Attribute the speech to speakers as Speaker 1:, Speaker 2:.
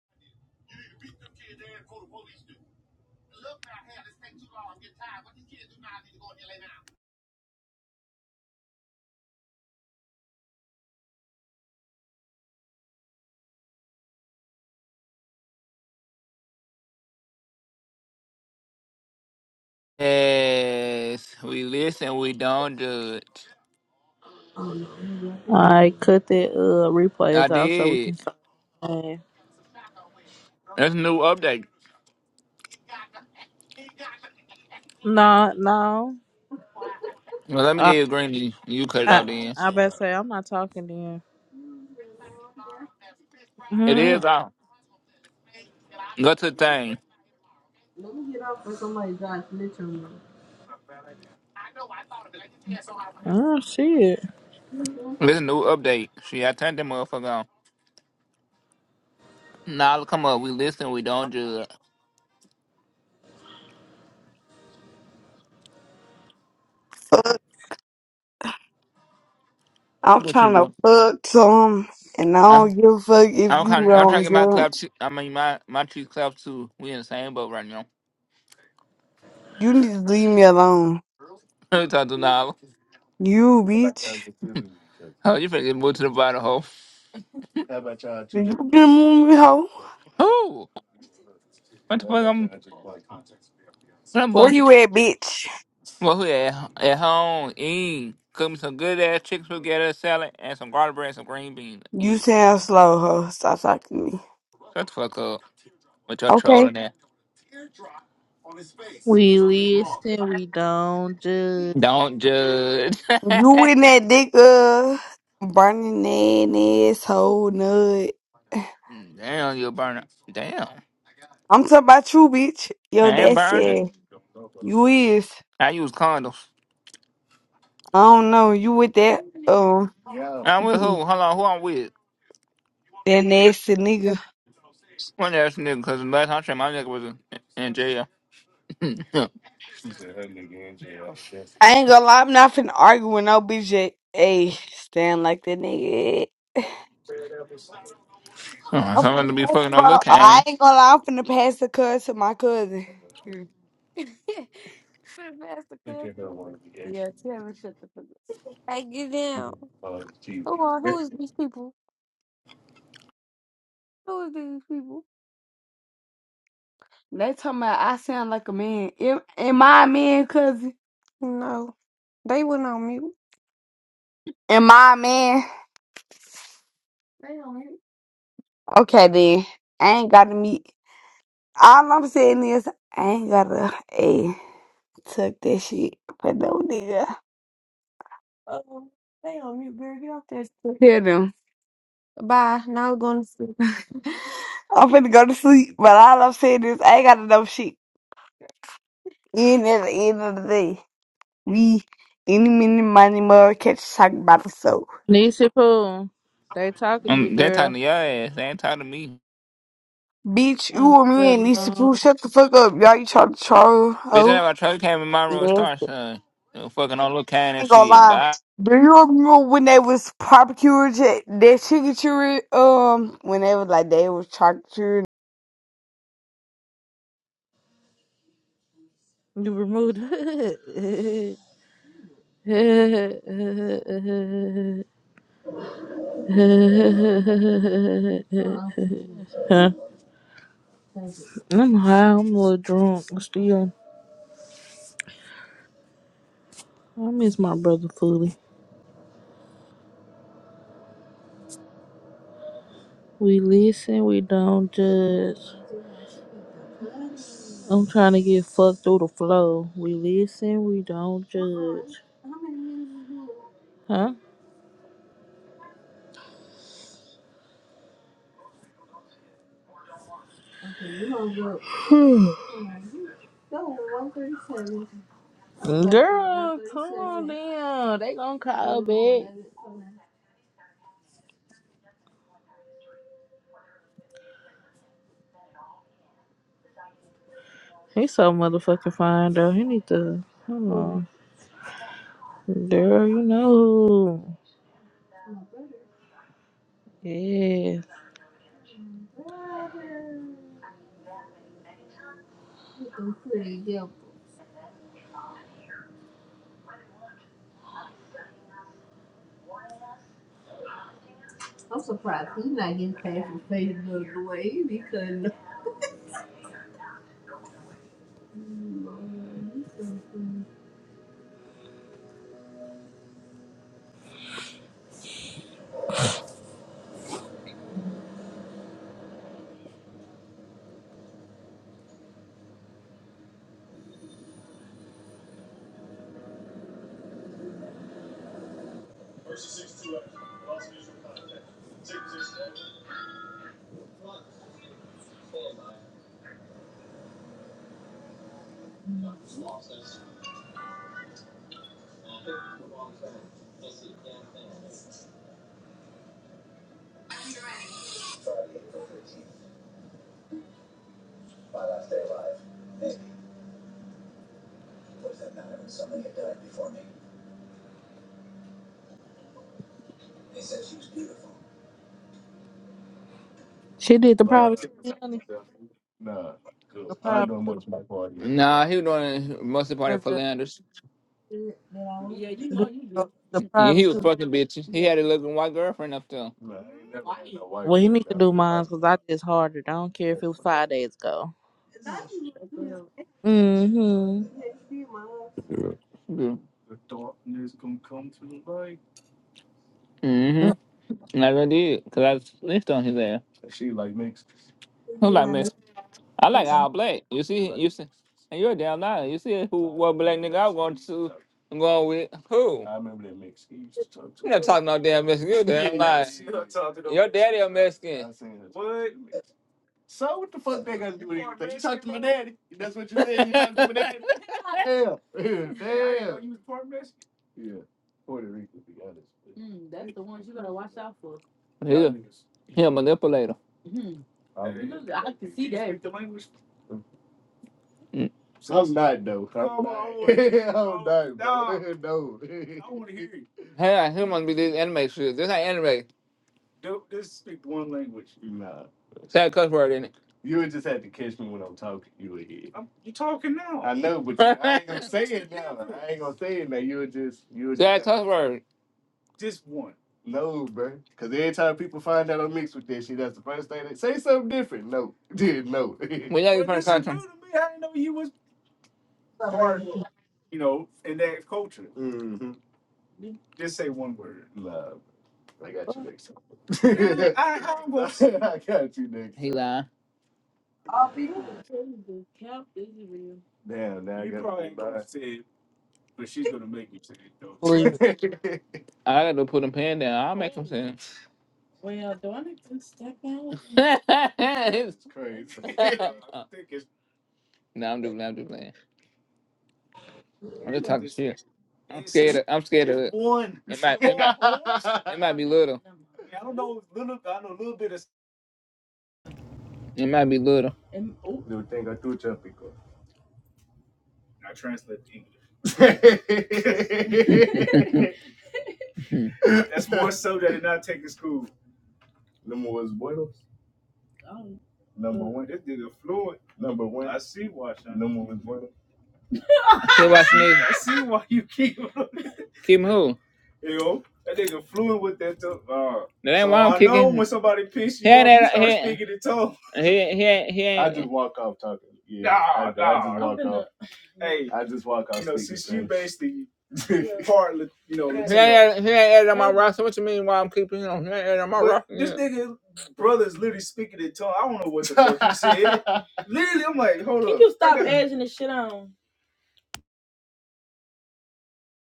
Speaker 1: Yes, we listen, we don't judge.
Speaker 2: I cut that uh
Speaker 1: I
Speaker 2: replays off so we
Speaker 1: did.
Speaker 2: can start. playing.
Speaker 1: That's a new update.
Speaker 2: No, no.
Speaker 1: Well, let me
Speaker 2: Uh,
Speaker 1: get you a green G. You cut it
Speaker 2: I
Speaker 1: out then.
Speaker 2: I better say I'm not talking to you.
Speaker 1: It
Speaker 2: Mhm.
Speaker 1: is out. Go to the thing.
Speaker 2: oh shit.
Speaker 1: This a new update. See, I turned that motherfucker on. Now nah, come up. We listen, we don't judge.
Speaker 3: fuck. I'm
Speaker 1: What you
Speaker 3: trying to
Speaker 1: doing?
Speaker 3: fuck some, and I
Speaker 1: I,
Speaker 3: don't give a fuck if
Speaker 1: I'm,
Speaker 3: you
Speaker 1: kind I'm trying to
Speaker 3: don't
Speaker 1: get my clap.
Speaker 3: judge.
Speaker 1: Too, I mean, my my cheeks clap too. We in the same boat right now.
Speaker 3: You need to leave me alone.
Speaker 1: Let me Talk to Nala.
Speaker 3: You bitch.
Speaker 1: Oh, you finna get moved to the bottom hole.
Speaker 3: Did you get a move hoe?
Speaker 1: Who? What the fuck? I'm. I'm
Speaker 3: Where
Speaker 1: bummed.
Speaker 3: you at, bitch?
Speaker 1: Well, who at, at home, eat. Cook me some good ass chicken spaghetti salad and some garlic bread and some green beans.
Speaker 3: You
Speaker 1: Eat.
Speaker 3: sound slow, hoe. Stop talking to me.
Speaker 1: Shut the fuck up with your
Speaker 3: Okay.
Speaker 1: trolling that.
Speaker 2: We listen, we don't judge.
Speaker 1: Don't judge.
Speaker 3: You in that dick, uh, burning that asshole nut.
Speaker 1: Damn, you a burner. Damn.
Speaker 3: I'm talking about you, bitch. Yo,
Speaker 1: I ain't
Speaker 3: that
Speaker 1: burning.
Speaker 3: shit. You is.
Speaker 1: I use condoms.
Speaker 3: I don't know. You with that, um,
Speaker 1: Yeah. I'm with who? Hold on, who I'm with?
Speaker 3: that nasty nigga.
Speaker 1: One ass nigga, because the last time I checked, my nigga was in, in jail. oh,
Speaker 3: I ain't gonna lie, I'm not finna argue with no BJ. Hey, stand like that nigga. I'm
Speaker 1: somebody
Speaker 3: finna
Speaker 1: to be
Speaker 3: pass
Speaker 1: fucking
Speaker 3: the
Speaker 1: on
Speaker 3: phone.
Speaker 1: look, I
Speaker 3: I
Speaker 1: ain't.
Speaker 3: ain't gonna lie, I'm finna pass the cuz to my cousin. Here. finna pass the cousin. Yeah, tell him shut the fuck up. Hey, get down. Who are, who is these people? Who is these people? They talking about I sound like a man. Am, am I a man, cousin? No, they went on mute. Am I a man? They on mute. Okay, then. I ain't gotta meet. All I'm saying is I ain't gotta a took that shit for no nigga. Oh, they on mute, girl. Get off that shit. Hear them. Bye. Now I'm going to sleep. I'm finna go to sleep, but all I'm saying is I ain't gotta know shit. And at the end of the day, we any mini money mother catch talking about the soul.
Speaker 2: Nisha Pooh, they talking to you,
Speaker 1: I'm, they talking
Speaker 2: girl.
Speaker 1: to your ass. They ain't talking to me.
Speaker 3: Bitch,
Speaker 2: Um,
Speaker 3: you and me
Speaker 2: well,
Speaker 3: and Lisa
Speaker 2: no,
Speaker 3: Pooh, shut the fuck up. Y'all you trying to troll.
Speaker 1: Bitch, I
Speaker 3: Oh.
Speaker 1: never tried to came in my room and
Speaker 3: Yes.
Speaker 1: start son. You know, fucking all look kind and
Speaker 3: ain't gonna
Speaker 1: shit.
Speaker 3: lie.
Speaker 1: But
Speaker 3: Do you remember when they was barbecuing that that chicken churri? Um, when they was like they was charcuterie
Speaker 2: you removed. huh? I'm high. I'm a little drunk. Still, I miss my brother fully. We listen, we don't judge. I'm trying to get fucked through the flow. We listen, we don't judge. Huh? Girl, come on down. They gonna call back. He's so motherfucking fine though. He need to come on. Girl, you know who. Yeah. She did the private Tubiani.
Speaker 1: I,
Speaker 2: The private Tubiani.
Speaker 1: nah, he was doing most of the party for
Speaker 2: The,
Speaker 1: Landers.
Speaker 2: the
Speaker 1: He,
Speaker 2: private
Speaker 1: he was
Speaker 2: Tubiani.
Speaker 1: fucking bitches. He had a looking white girlfriend up there.
Speaker 2: Well, he need to do mine because I just harder. I don't care if it was five days ago. Mm-hmm.
Speaker 1: Mm-hmm. And I really did, because I snitched on his ass. Who like miss? I like all black. You see, you see, and you're a damn liar. You see who what black nigga I want to I'm going with? Who? you You not talking no damn Mexican. You're a damn liar. Your daddy a Mexican. he a manipulator. Mm. Hell, he must be this anime shit. This ain't anime. Don't just speak one language. Say a cuss word in it. I'm, you talking now? word. Just one. y'all get Well, from this is new to me. I didn't know you was part, you know, in that culture. Just say one word. I humble. lying. Said, but she's gonna make me say it though.
Speaker 2: Hallelujah.
Speaker 1: I gotta put a pen down. I'll make him sin. It's It's yeah, I think it's no, I'm just, I'm just playing. I'm just talking it's shit. I'm it's scared. Of, I'm scared it's of it's it. One. It might, might be little. I don't know little. I know a little bit of. It might be little. I translate to English. That's more so that it not taking school. Number one. This nigga fluent. Sea wash. Quit watching niggas. I see why you keep Kim who? You know, that nigga fluent with that too. Uh, That ain't so why I'm I kicking. I know when somebody piss you, He ain't off, start speaking in tongue. he, ain't- he, ain't- Hey, it's the part, you know, He Latino. ain't, he ain't added roster. What you mean? Why I'm keeping him? He ain't added on my roster. this Yeah. nigga brother's literally speaking in tongue. I don't know what the literally. I'm like, hold on.